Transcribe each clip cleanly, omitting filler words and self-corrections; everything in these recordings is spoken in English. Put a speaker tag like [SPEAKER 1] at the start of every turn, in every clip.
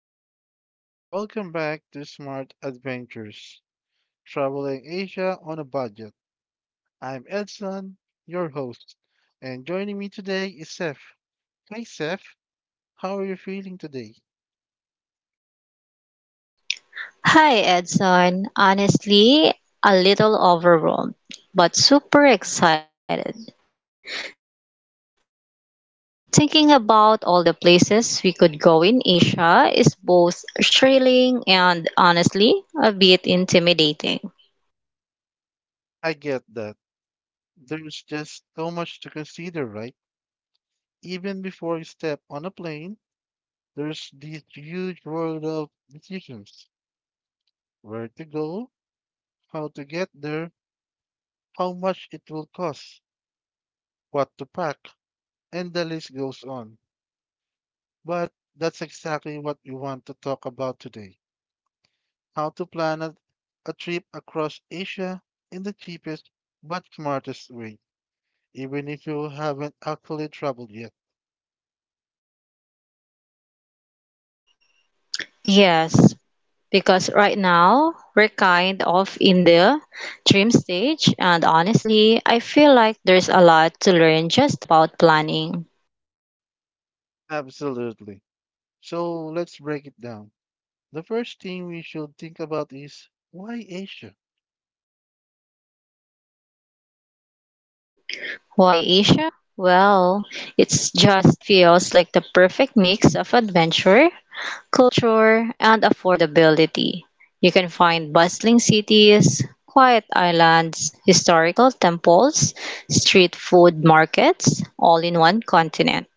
[SPEAKER 1] everyone, welcome back to Smart Adventures, traveling Asia on a budget. I'm Edson, your host, and joining me today is Seth. Hi Seth, how are you feeling today?
[SPEAKER 2] Hi, Edson. Honestly, a little overwhelmed, but super excited. Thinking about all the places we could go in Asia is both thrilling and honestly a bit intimidating.
[SPEAKER 1] I get that. There's just so much to consider, right? Even before you step on a plane, there's this huge world of decisions. Where to go, how to get there, how much it will cost, what to pack, and the list goes on. But that's exactly what we want to talk about today, how to plan a trip across Asia in the cheapest but smartest way, even if you haven't actually traveled yet.
[SPEAKER 2] Yes, because right now we're kind of in the dream stage, and honestly, I feel like there's a lot to learn just about planning.
[SPEAKER 1] Absolutely. So let's break it down. The first thing we should think about is, why Asia?
[SPEAKER 2] Why Asia? Well, it just feels like the perfect mix of adventure, culture, and affordability. You can find bustling cities, quiet islands, historical temples, street food markets, all in one continent.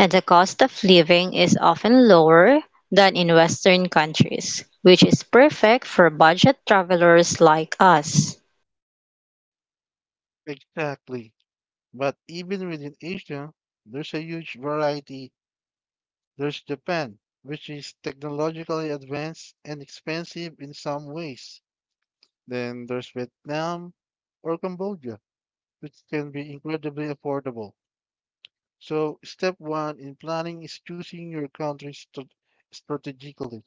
[SPEAKER 2] And the cost of living is often lower than in Western countries, which is perfect for budget travelers like us.
[SPEAKER 1] Exactly. But even within Asia, there's a huge variety. There's Japan, which is technologically advanced and expensive in some ways. Then there's Vietnam or Cambodia, which can be incredibly affordable. So, step one in planning is choosing your country strategically.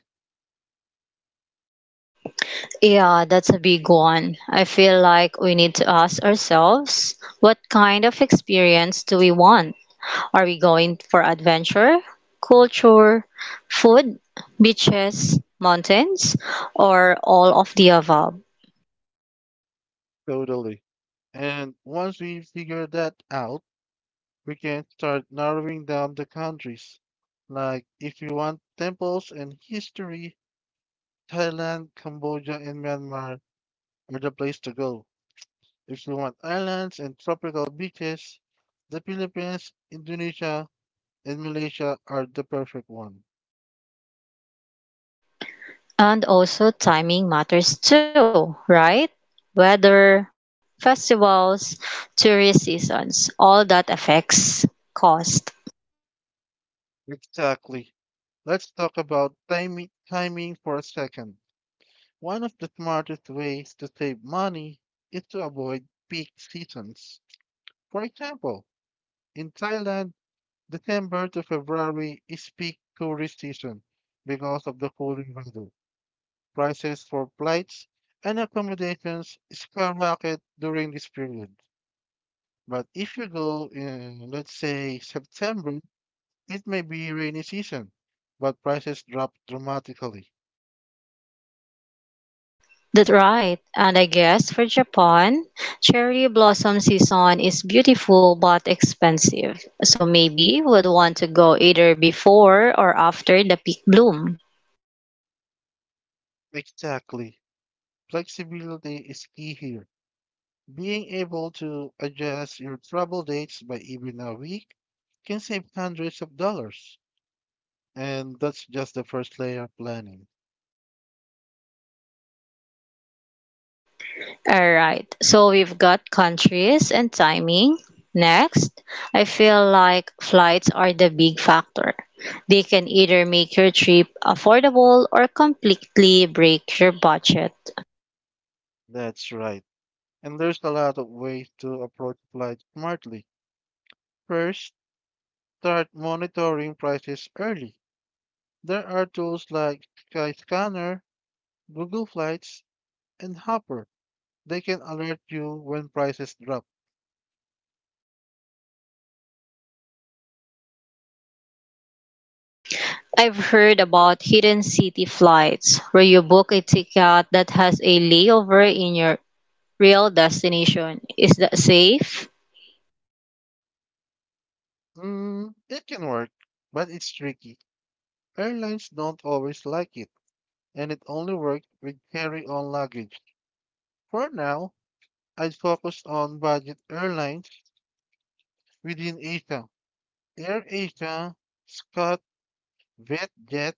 [SPEAKER 2] Yeah, that's a big one. I feel like we need to ask ourselves, what kind of experience do we want? Are we going for adventure, culture, food, beaches, mountains, or all of the above?
[SPEAKER 1] Totally. And once we figure that out, we can start narrowing down the countries. Like, if you want temples and history, Thailand, Cambodia, and Myanmar are the place to go. If you want islands and tropical beaches, the Philippines, Indonesia, and Malaysia are the perfect one.
[SPEAKER 2] And also, timing matters too, right? Weather, festivals, tourist seasons, all that affects cost.
[SPEAKER 1] Exactly. Let's talk about timing for a second. One of the smartest ways to save money is to avoid peak seasons. For example, in Thailand, December to February is peak tourist season because of the cooling weather. Prices for flights and accommodations skyrocket during this period. But if you go in, let's say, September, it may be rainy season, but prices drop dramatically.
[SPEAKER 2] That's right. And I guess for Japan, cherry blossom season is beautiful but expensive. So maybe would want to go either before or after the peak bloom.
[SPEAKER 1] Exactly. Flexibility is key here. Being able to adjust your travel dates by even a week can save hundreds of dollars. And that's just the first layer of planning.
[SPEAKER 2] All right. So we've got countries and timing. Next, I feel like flights are the big factor. They can either make your trip affordable or completely break your budget.
[SPEAKER 1] That's right. And there's a lot of ways to approach flights smartly. First, start monitoring prices early. There are tools like Skyscanner, Google Flights, and Hopper. They can alert you when prices drop.
[SPEAKER 2] I've heard about hidden city flights, where you book a ticket that has a layover in your real destination. Is that safe?
[SPEAKER 1] It can work, but it's tricky. Airlines don't always like it, and it only works with carry-on luggage. For now, I'd focus on budget airlines within Asia. AirAsia, Scott, VietJet,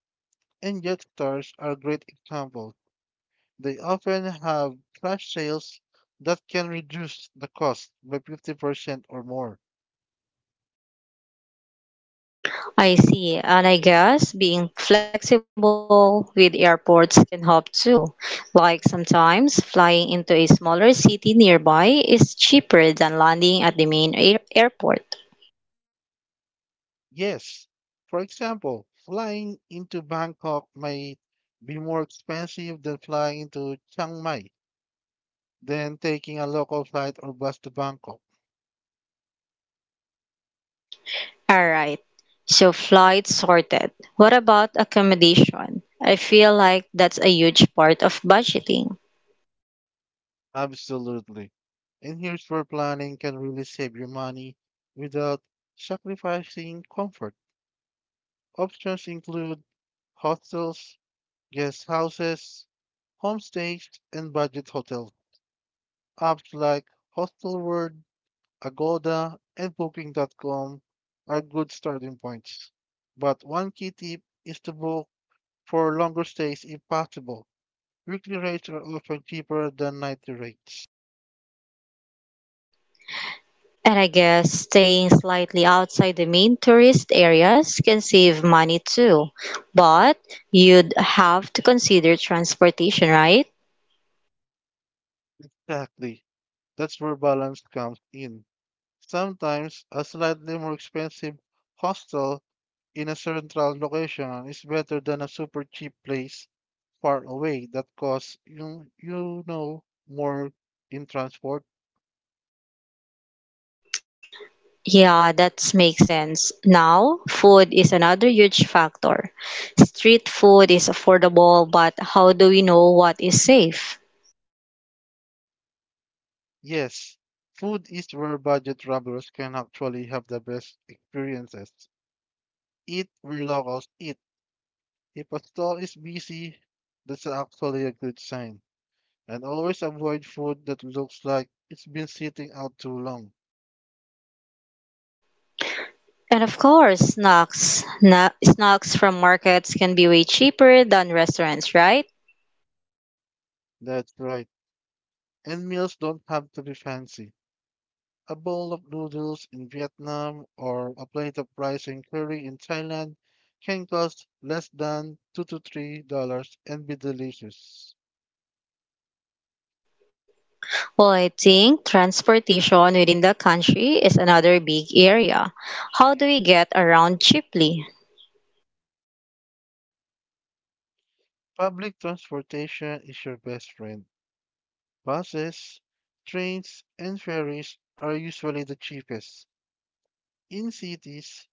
[SPEAKER 1] and Jetstars are great examples. They often have flash sales that can reduce the cost by 50% or more.
[SPEAKER 2] I see, and I guess being flexible with airports can help too. Like sometimes flying into a smaller city nearby is cheaper than landing at the main airport.
[SPEAKER 1] Yes. For example, flying into Bangkok might be more expensive than flying into Chiang Mai, than taking a local flight or bus to Bangkok.
[SPEAKER 2] Alright, so flights sorted. What about accommodation? I feel like that's a huge part of budgeting.
[SPEAKER 1] Absolutely. And here's where planning can really save your money without sacrificing comfort. Options include hostels, guest houses, homestays, and budget hotels. Apps like Hostelworld, Agoda, and Booking.com are good starting points. But one key tip is to book for longer stays if possible. Weekly rates are often cheaper than nightly rates.
[SPEAKER 2] And I guess staying slightly outside the main tourist areas can save money too. But you'd have to consider transportation, right?
[SPEAKER 1] Exactly. That's where balance comes in. Sometimes a slightly more expensive hostel in a central location is better than a super cheap place far away that costs you you know more in transport.
[SPEAKER 2] Yeah, that makes sense. Now, food is another huge factor. Street food is affordable, but how do we know what is safe?
[SPEAKER 1] Yes, food is where budget travelers can actually have the best experiences. Eat where locals eat. If a stall is busy, that's actually a good sign. And always avoid food that looks like it's been sitting out too long.
[SPEAKER 2] And of course, snacks. Snacks from markets can be way cheaper than restaurants, right?
[SPEAKER 1] That's right. And meals don't have to be fancy. A bowl of noodles in Vietnam or a plate of rice and curry in Thailand can cost less than $2 to $3 and be delicious.
[SPEAKER 2] Well, I think transportation within the country is another big area. How do we get around cheaply?
[SPEAKER 1] Public transportation is your best friend. Buses, trains, and ferries are usually the cheapest. In cities,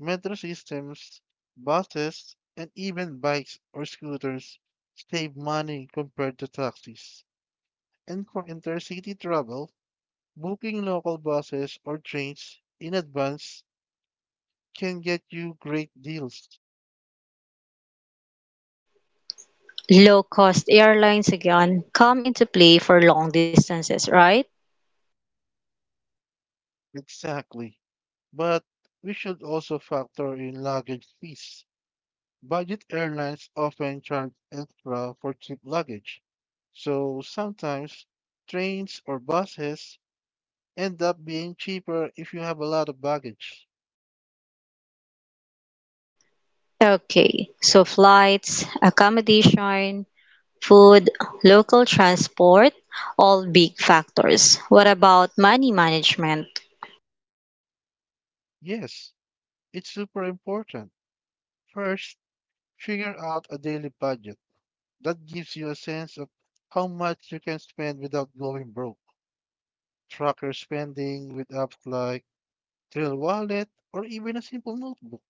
[SPEAKER 1] metro systems, buses, and even bikes or scooters save money compared to taxis. And for intercity travel, booking local buses or trains in advance can get you great deals.
[SPEAKER 2] Low cost airlines again come into play for long distances, right?
[SPEAKER 1] Exactly. But we should also factor in luggage fees. Budget airlines often charge extra for cheap luggage, so sometimes trains or buses end up being cheaper if you have a lot of baggage.
[SPEAKER 2] Okay, so flights, accommodation, food, local transport, all big factors. What about money management?
[SPEAKER 1] Yes, it's super important. First, figure out a daily budget. That gives you a sense of how much you can spend without going broke. Track your spending with apps like Trail Wallet or even a simple notebook.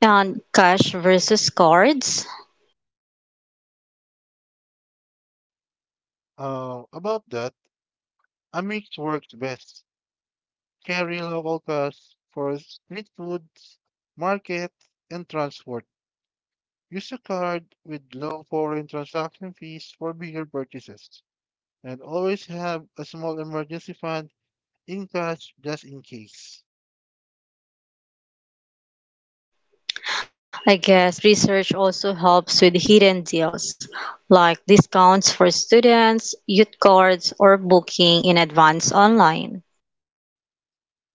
[SPEAKER 2] And cash versus cards?
[SPEAKER 1] Uh, about that, Amex works best. Carry local costs for street foods, market, and transport. Use a card with low foreign transaction fees for bigger purchases, and always have a small emergency fund in cash just in case.
[SPEAKER 2] I guess research also helps with hidden deals, like discounts for students, youth cards, or booking in advance online.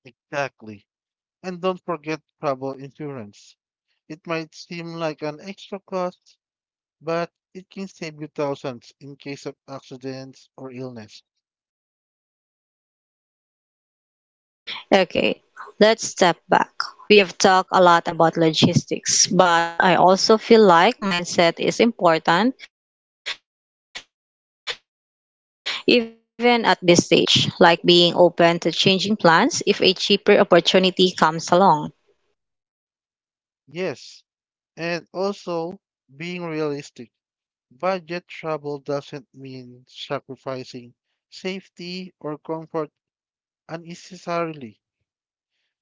[SPEAKER 1] Exactly. And don't forget travel insurance. It might seem like an extra cost, but it can save you thousands in case of accidents or illness.
[SPEAKER 2] Okay, let's step back. We have talked a lot about logistics, but I also feel like mindset is important even at this stage, like being open to changing plans if a cheaper opportunity comes along.
[SPEAKER 1] Yes, and also being realistic. Budget travel doesn't mean sacrificing safety or comfort unnecessarily.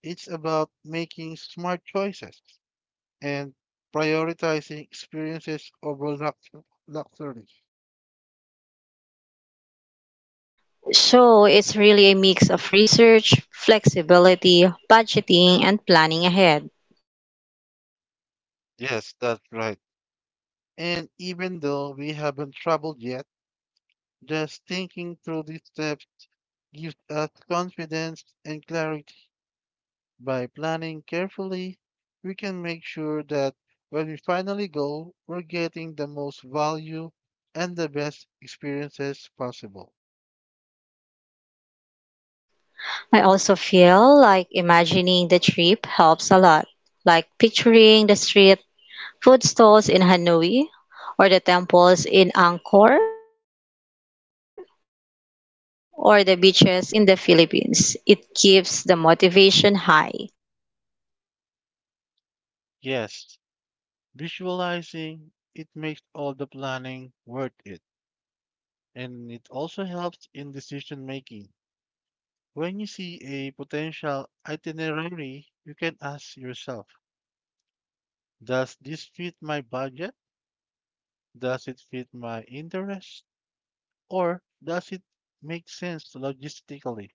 [SPEAKER 1] It's about making smart choices and prioritizing experiences over luxury.
[SPEAKER 2] So it's really a mix of research, flexibility, budgeting, and planning ahead.
[SPEAKER 1] Yes, that's right. And even though we haven't traveled yet, just thinking through these steps gives us confidence and clarity. By planning carefully, we can make sure that when we finally go, we're getting the most value and the best experiences possible.
[SPEAKER 2] I also feel like imagining the trip helps a lot, like picturing the street food stalls in Hanoi, or the temples in Angkor, or the beaches in the Philippines. It keeps the motivation high.
[SPEAKER 1] Yes, visualizing it makes all the planning worth it, and it also helps in decision making. When you see a potential itinerary, you can ask yourself, does this fit my budget? Does it fit my interest? Or does it make sense logistically?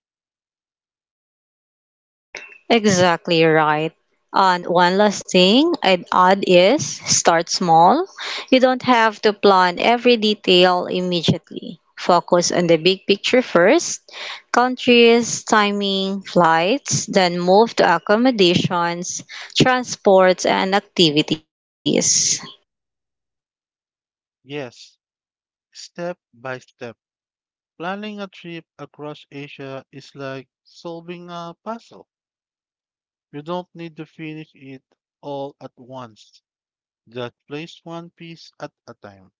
[SPEAKER 2] Exactly right. And one last thing I'd add is start small. You don't have to plan every detail immediately. Focus on the big picture first, countries, timing, flights, then move to accommodations, transports, and activities.
[SPEAKER 1] Yes, step by step. Planning a trip across Asia is like solving a puzzle. You don't need to finish it all at once. Just place one piece at a time.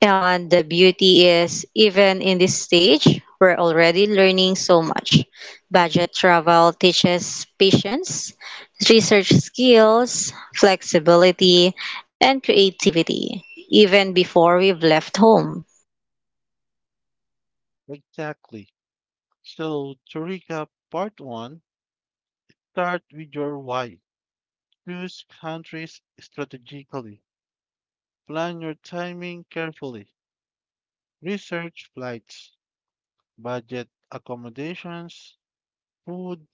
[SPEAKER 2] And the beauty is, even in this stage, we're already learning so much. Budget travel teaches patience, research skills, flexibility, and creativity, even before we've left home.
[SPEAKER 1] Exactly. So, to recap part one, start with your why. Choose countries strategically. Plan your timing carefully. Research flights, budget accommodations, food,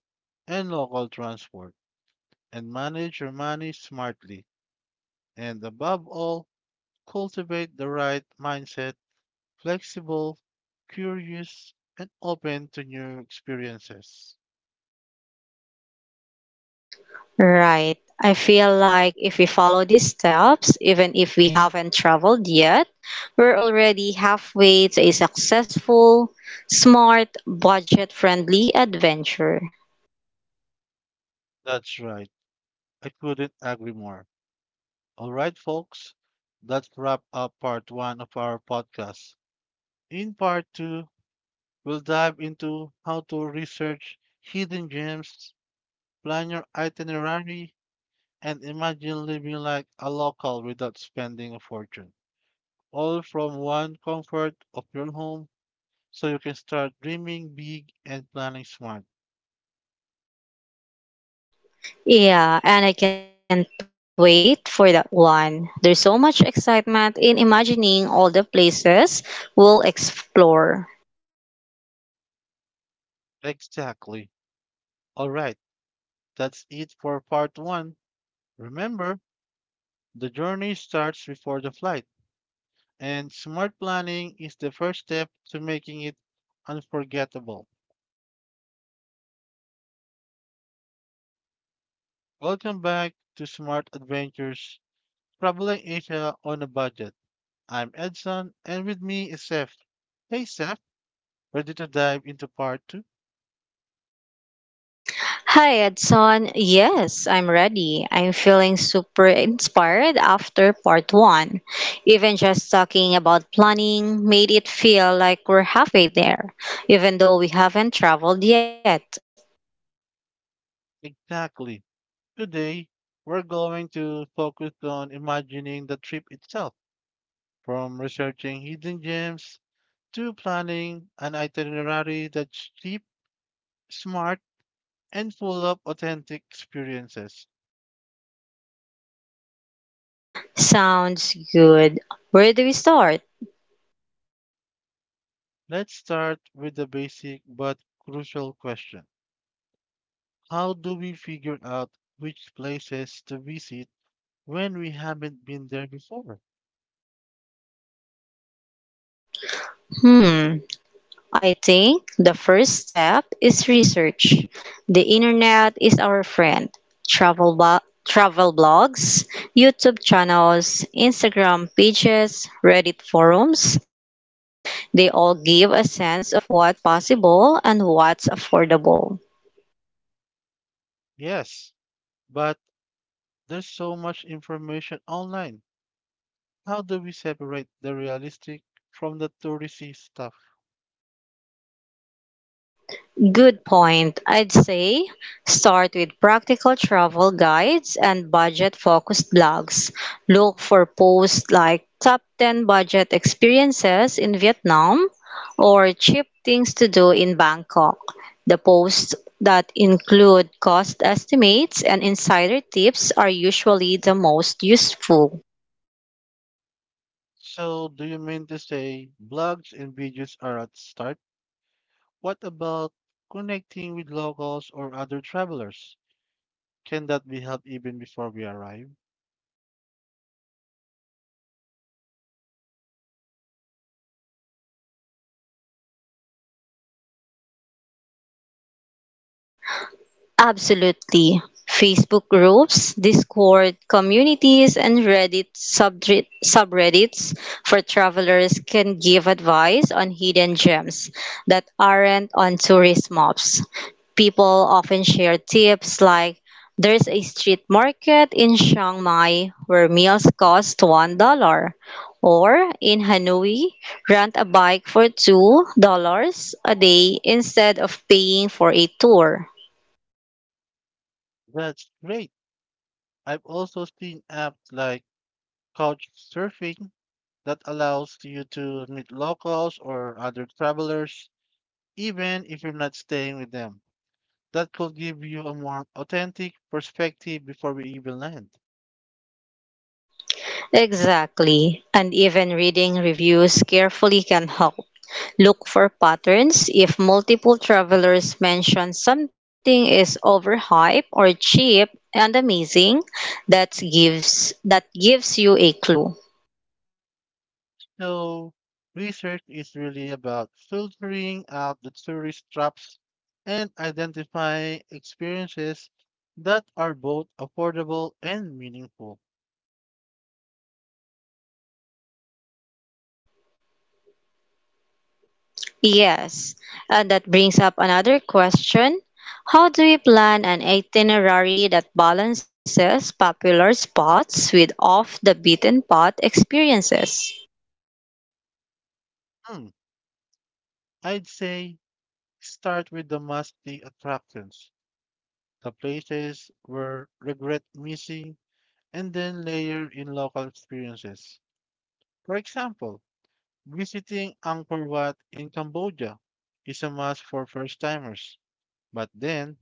[SPEAKER 1] and local transport, and manage your money smartly. And above all, cultivate the right mindset: flexible, curious, and open to new experiences.
[SPEAKER 2] Right. I feel like if we follow these steps, even if we haven't traveled yet, we're already halfway to a successful, smart, budget friendly adventure.
[SPEAKER 1] That's right. I couldn't agree more. All right, folks, that wrap up part one of our podcast. In part two, we'll dive into how to research hidden gems, plan your itinerary, and imagine living like a local without spending a fortune, all from one comfort of your home, so you can start dreaming big and planning smart.
[SPEAKER 2] Yeah, and I can't wait for that one. There's so much excitement in imagining all the places we'll explore.
[SPEAKER 1] Exactly. All right, that's it for part one. Remember, the journey starts before the flight, and smart planning is the first step to making it unforgettable. Welcome back to Smart Adventures, Traveling Asia on a Budget. I'm Edson, and with me is Seth. Hey, Seth, ready to dive into part two?
[SPEAKER 2] Hi, Edson. Yes, I'm ready. I'm feeling super inspired after part one. Even just talking about planning made it feel like we're halfway there, even though we haven't traveled yet.
[SPEAKER 1] Exactly. Today, we're going to focus on imagining the trip itself, from researching hidden gems to planning an itinerary that's cheap, smart, and full of authentic experiences.
[SPEAKER 2] Sounds good. Where do we start?
[SPEAKER 1] Let's start with the basic but crucial question: how do we figure out which places to visit when we haven't been there before?
[SPEAKER 2] Hmm. I think the first step is research. The internet is our friend. Travel, blo- Travel blogs, YouTube channels, Instagram pages, Reddit forums, they all give a sense of what's possible and what's affordable.
[SPEAKER 1] Yes, but there's so much information online. How do we separate the realistic from the touristy stuff?
[SPEAKER 2] Good point. I'd say start with practical travel guides and budget focused blogs. Look for posts like top 10 budget experiences in Vietnam or cheap things to do in Bangkok. The posts that include cost estimates and insider tips are usually the most useful.
[SPEAKER 1] So, do you mean to say blogs and videos are at start? What about connecting with locals or other travelers? Can that be helped even before we arrive?
[SPEAKER 2] Absolutely. Facebook groups, Discord communities, and Reddit subreddits for travelers can give advice on hidden gems that aren't on tourist maps. People often share tips like, there's a street market in Chiang Mai where meals cost $1, or in Hanoi, rent a bike for $2 a day instead of paying for a tour.
[SPEAKER 1] That's great. I've also seen apps like Couchsurfing that allows you to meet locals or other travelers, even if you're not staying with them. That could give you a more authentic perspective before we even land.
[SPEAKER 2] Exactly. And even reading reviews carefully can help. Look for patterns. If multiple travelers mention something is overhyped or cheap and amazing, that gives you a clue.
[SPEAKER 1] So, research is really about filtering out the tourist traps and identifying experiences that are both affordable and meaningful.
[SPEAKER 2] Yes. And that brings up another question. How do you plan an itinerary that balances popular spots with off the beaten path experiences?
[SPEAKER 1] Hmm, I'd say start with the must-see attractions, the places where regret missing, and then layer in local experiences. For example, visiting Angkor Wat in Cambodia is a must for first-timers, but then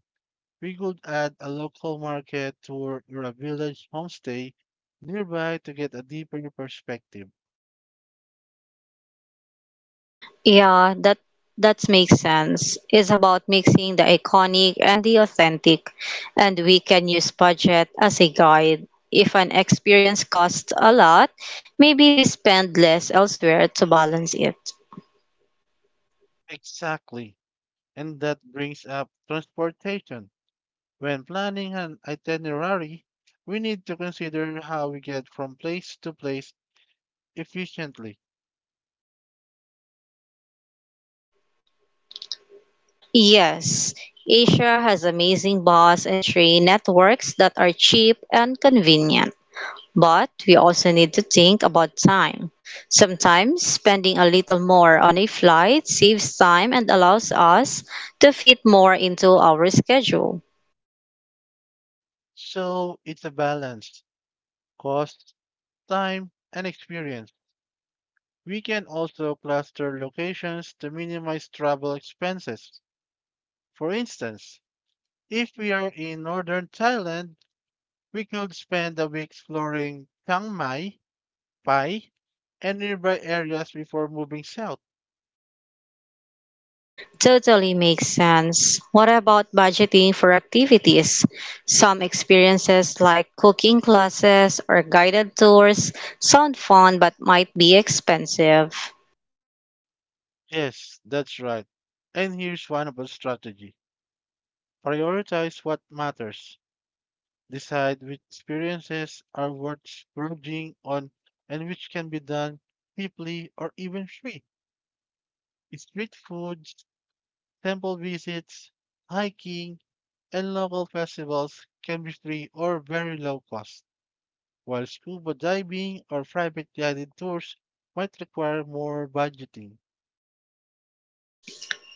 [SPEAKER 1] we could add a local market tour or a village homestay nearby to get a deeper perspective.
[SPEAKER 2] Yeah, that makes sense. It's about mixing the iconic and the authentic, and we can use budget as a guide. If an experience costs a lot, maybe we spend less elsewhere to balance it.
[SPEAKER 1] Exactly. And that brings up transportation. When planning an itinerary, we need to consider how we get from place to place efficiently.
[SPEAKER 2] Yes, Asia has amazing bus and train networks that are cheap and convenient. But we also need to think about time. Sometimes spending a little more on a flight saves time and allows us to fit more into our schedule.
[SPEAKER 1] So it's a balance: cost, time, and experience. We can also cluster locations to minimize travel expenses. For instance, if we are in northern Thailand, we could spend a week exploring Chiang Mai, Pai, and nearby areas before moving south.
[SPEAKER 2] Totally makes sense. What about budgeting for activities? Some experiences like cooking classes or guided tours sound fun but might be expensive.
[SPEAKER 1] Yes, that's right. And here's one of our strategy. Prioritize what matters. Decide which experiences are worth splurging on and which can be done cheaply or even free. Street foods, temple visits, hiking, and local festivals can be free or very low cost, while scuba diving or private guided tours might require more budgeting.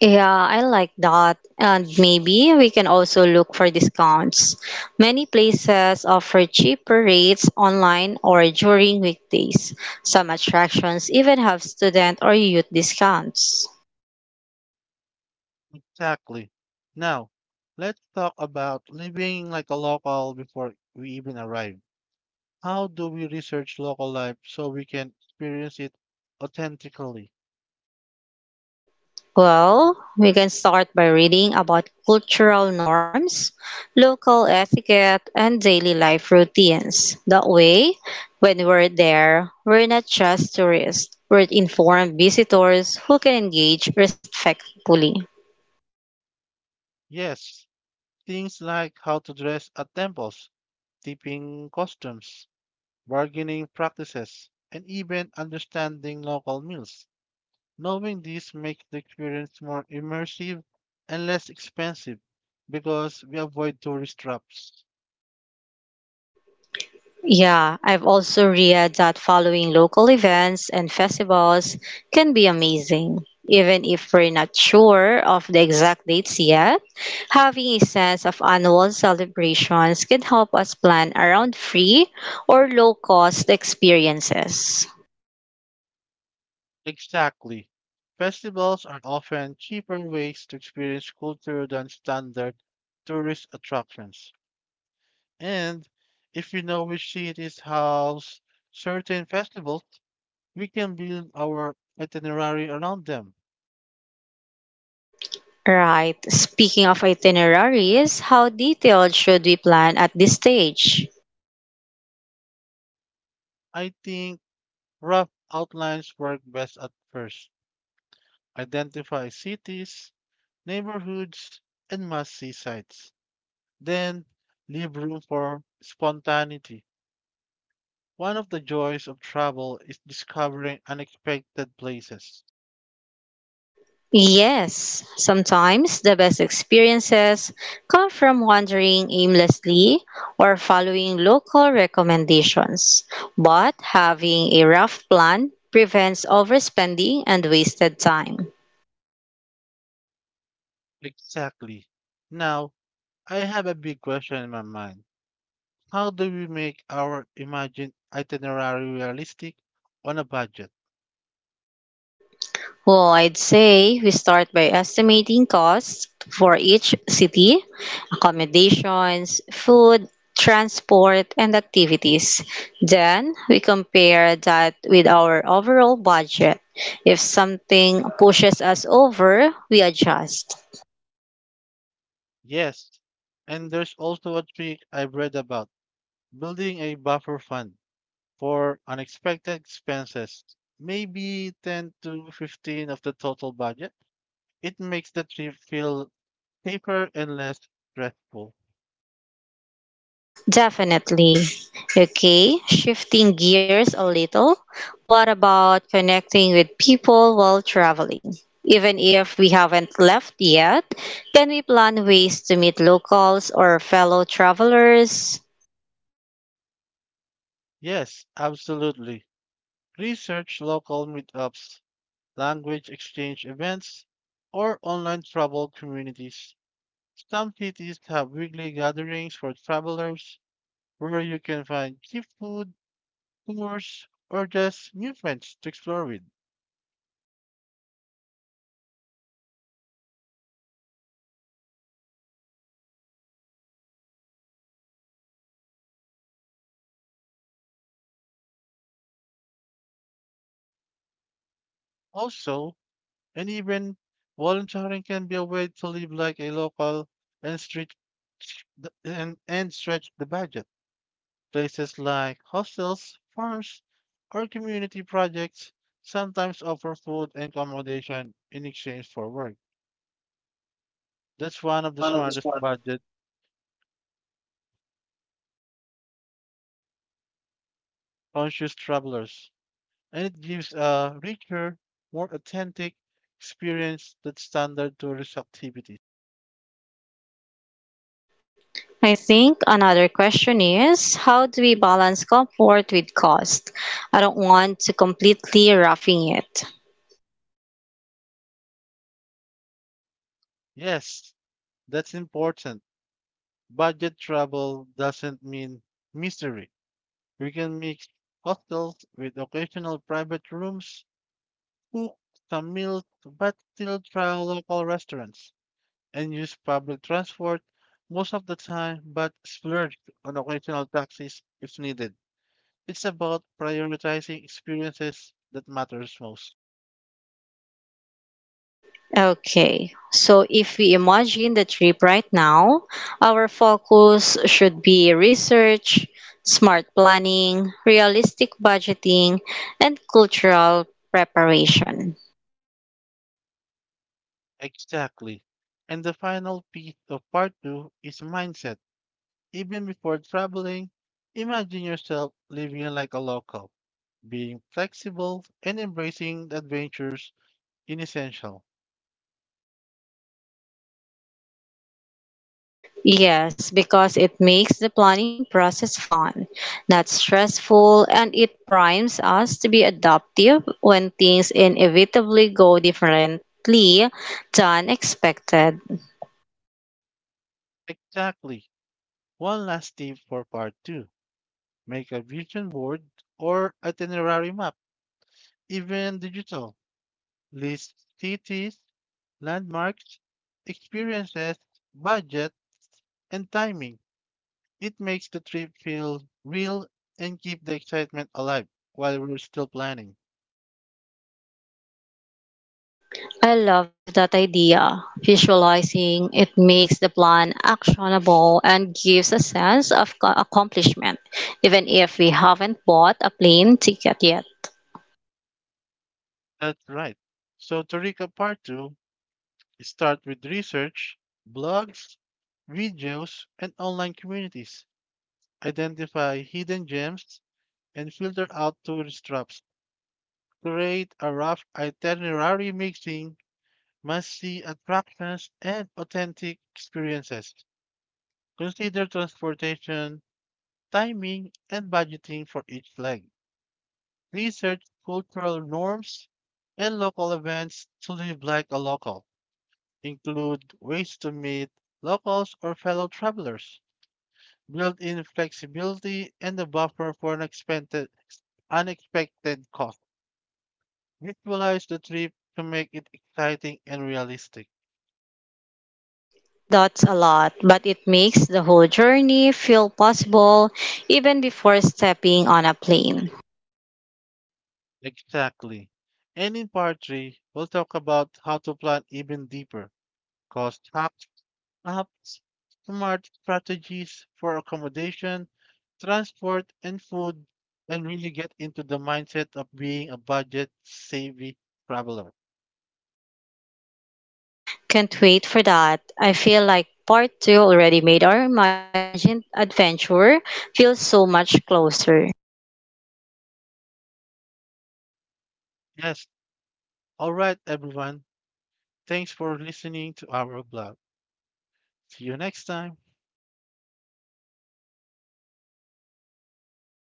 [SPEAKER 2] Yeah, I like that. And maybe we can also look for discounts. Many places offer cheaper rates online or during weekdays. Some attractions even have student or youth discounts.
[SPEAKER 1] Exactly. Now, let's talk about living like a local before we even arrive. How do we research local life so we can experience it authentically?
[SPEAKER 2] Well, we can start by reading about cultural norms, local etiquette, and daily life routines. That way, when we're there, we're not just tourists, we're informed visitors who can engage respectfully.
[SPEAKER 1] Yes, things like how to dress at temples, tipping customs, bargaining practices, and even understanding local meals. Knowing this makes the experience more immersive and less expensive because we avoid tourist traps.
[SPEAKER 2] Yeah, I've also read that following local events and festivals can be amazing. Even if we're not sure of the exact dates yet, having a sense of annual celebrations can help us plan around free or low cost experiences.
[SPEAKER 1] Exactly. Festivals are often cheaper ways to experience culture than standard tourist attractions. And if we know which cities house certain festivals, we can build our itinerary around them.
[SPEAKER 2] Right, speaking of itineraries, how detailed should we plan at this stage?
[SPEAKER 1] I think rough outlines work best at first. Identify cities, neighborhoods, and must-see sites. Then, leave room for spontaneity. One of the joys of travel is discovering unexpected places.
[SPEAKER 2] Yes, sometimes the best experiences come from wandering aimlessly or following local recommendations, but having a rough plan prevents overspending and wasted time.
[SPEAKER 1] Exactly. Now, I have a big question in my mind. How do we make our imagined itinerary realistic on a budget?
[SPEAKER 2] Well, I'd say we start by estimating costs for each city, accommodations, food, transport, and activities. Then we compare that with our overall budget. If something pushes us over, we adjust.
[SPEAKER 1] Yes. And there's also a trick I've read about: building a buffer fund for unexpected expenses, maybe 10 to 15 of the total budget. It makes the trip feel safer and less stressful.
[SPEAKER 2] Definitely. Okay, shifting gears a little. What about connecting with people while traveling? Even if we haven't left yet, can we plan ways to meet locals or fellow travelers?
[SPEAKER 1] Yes, absolutely. Research local meetups, language exchange events, or online travel communities. Some cities have weekly gatherings for travelers where you can find cheap food, tours, or just new friends to explore with. Also, and even volunteering can be a way to live like a local and and stretch the budget. Places like hostels, farms, or community projects sometimes offer food and accommodation in exchange for work. That's one of the smartest budget conscious travelers, and it gives a richer, more authentic experience than standard tourist activities.
[SPEAKER 2] I think another question is, how do we balance comfort with cost? I don't want to completely roughing it.
[SPEAKER 1] Yes, that's important. Budget travel doesn't mean mystery. We can mix hostels with occasional private rooms, cook some meals, but still try local restaurants and use public transport most of the time, but splurge on occasional taxis if needed. It's about prioritizing experiences that matters most.
[SPEAKER 2] Okay, so if we imagine the trip right now, our focus should be research, smart planning, realistic budgeting, and cultural preparation.
[SPEAKER 1] Exactly. And the final piece of part two is mindset. Even before traveling, imagine yourself living like a local. Being flexible and embracing the adventures in essential.
[SPEAKER 2] Yes, because it makes the planning process fun, not stressful, and it primes us to be adaptive when things inevitably go differently than expected.
[SPEAKER 1] Exactly. One last tip for part two. Make a vision board or itinerary map, even digital. List cities, landmarks, experiences, budget, and timing. It makes the trip feel real and keep the excitement alive while we're still planning.
[SPEAKER 2] I love that idea. Visualizing it makes the plan actionable and gives a sense of accomplishment, even if we haven't bought a plane ticket yet.
[SPEAKER 1] That's right. So to recap part two, start with research, blogs, videos, and online communities. Identify hidden gems and filter out tourist traps. Create a rough itinerary mixing must-see attractions and authentic experiences. Consider transportation, timing, and budgeting for each leg. Research cultural norms and local events to live like a local. Include ways to meet locals or fellow travelers. Built-in flexibility, and a buffer for unexpected costs. Visualize the trip to make it exciting and realistic.
[SPEAKER 2] That's a lot, but it makes the whole journey feel possible even before stepping on a plane.
[SPEAKER 1] Exactly. And in part three, we'll talk about how to plan even deeper cost hacks, apps, smart strategies for accommodation, transport, and food, and really get into the mindset of being a budget savvy traveler.
[SPEAKER 2] Can't wait for that. I feel like part two already made our imagined adventure feel so much closer.
[SPEAKER 1] Yes. All right, everyone. Thanks for listening to our blog. See you next time.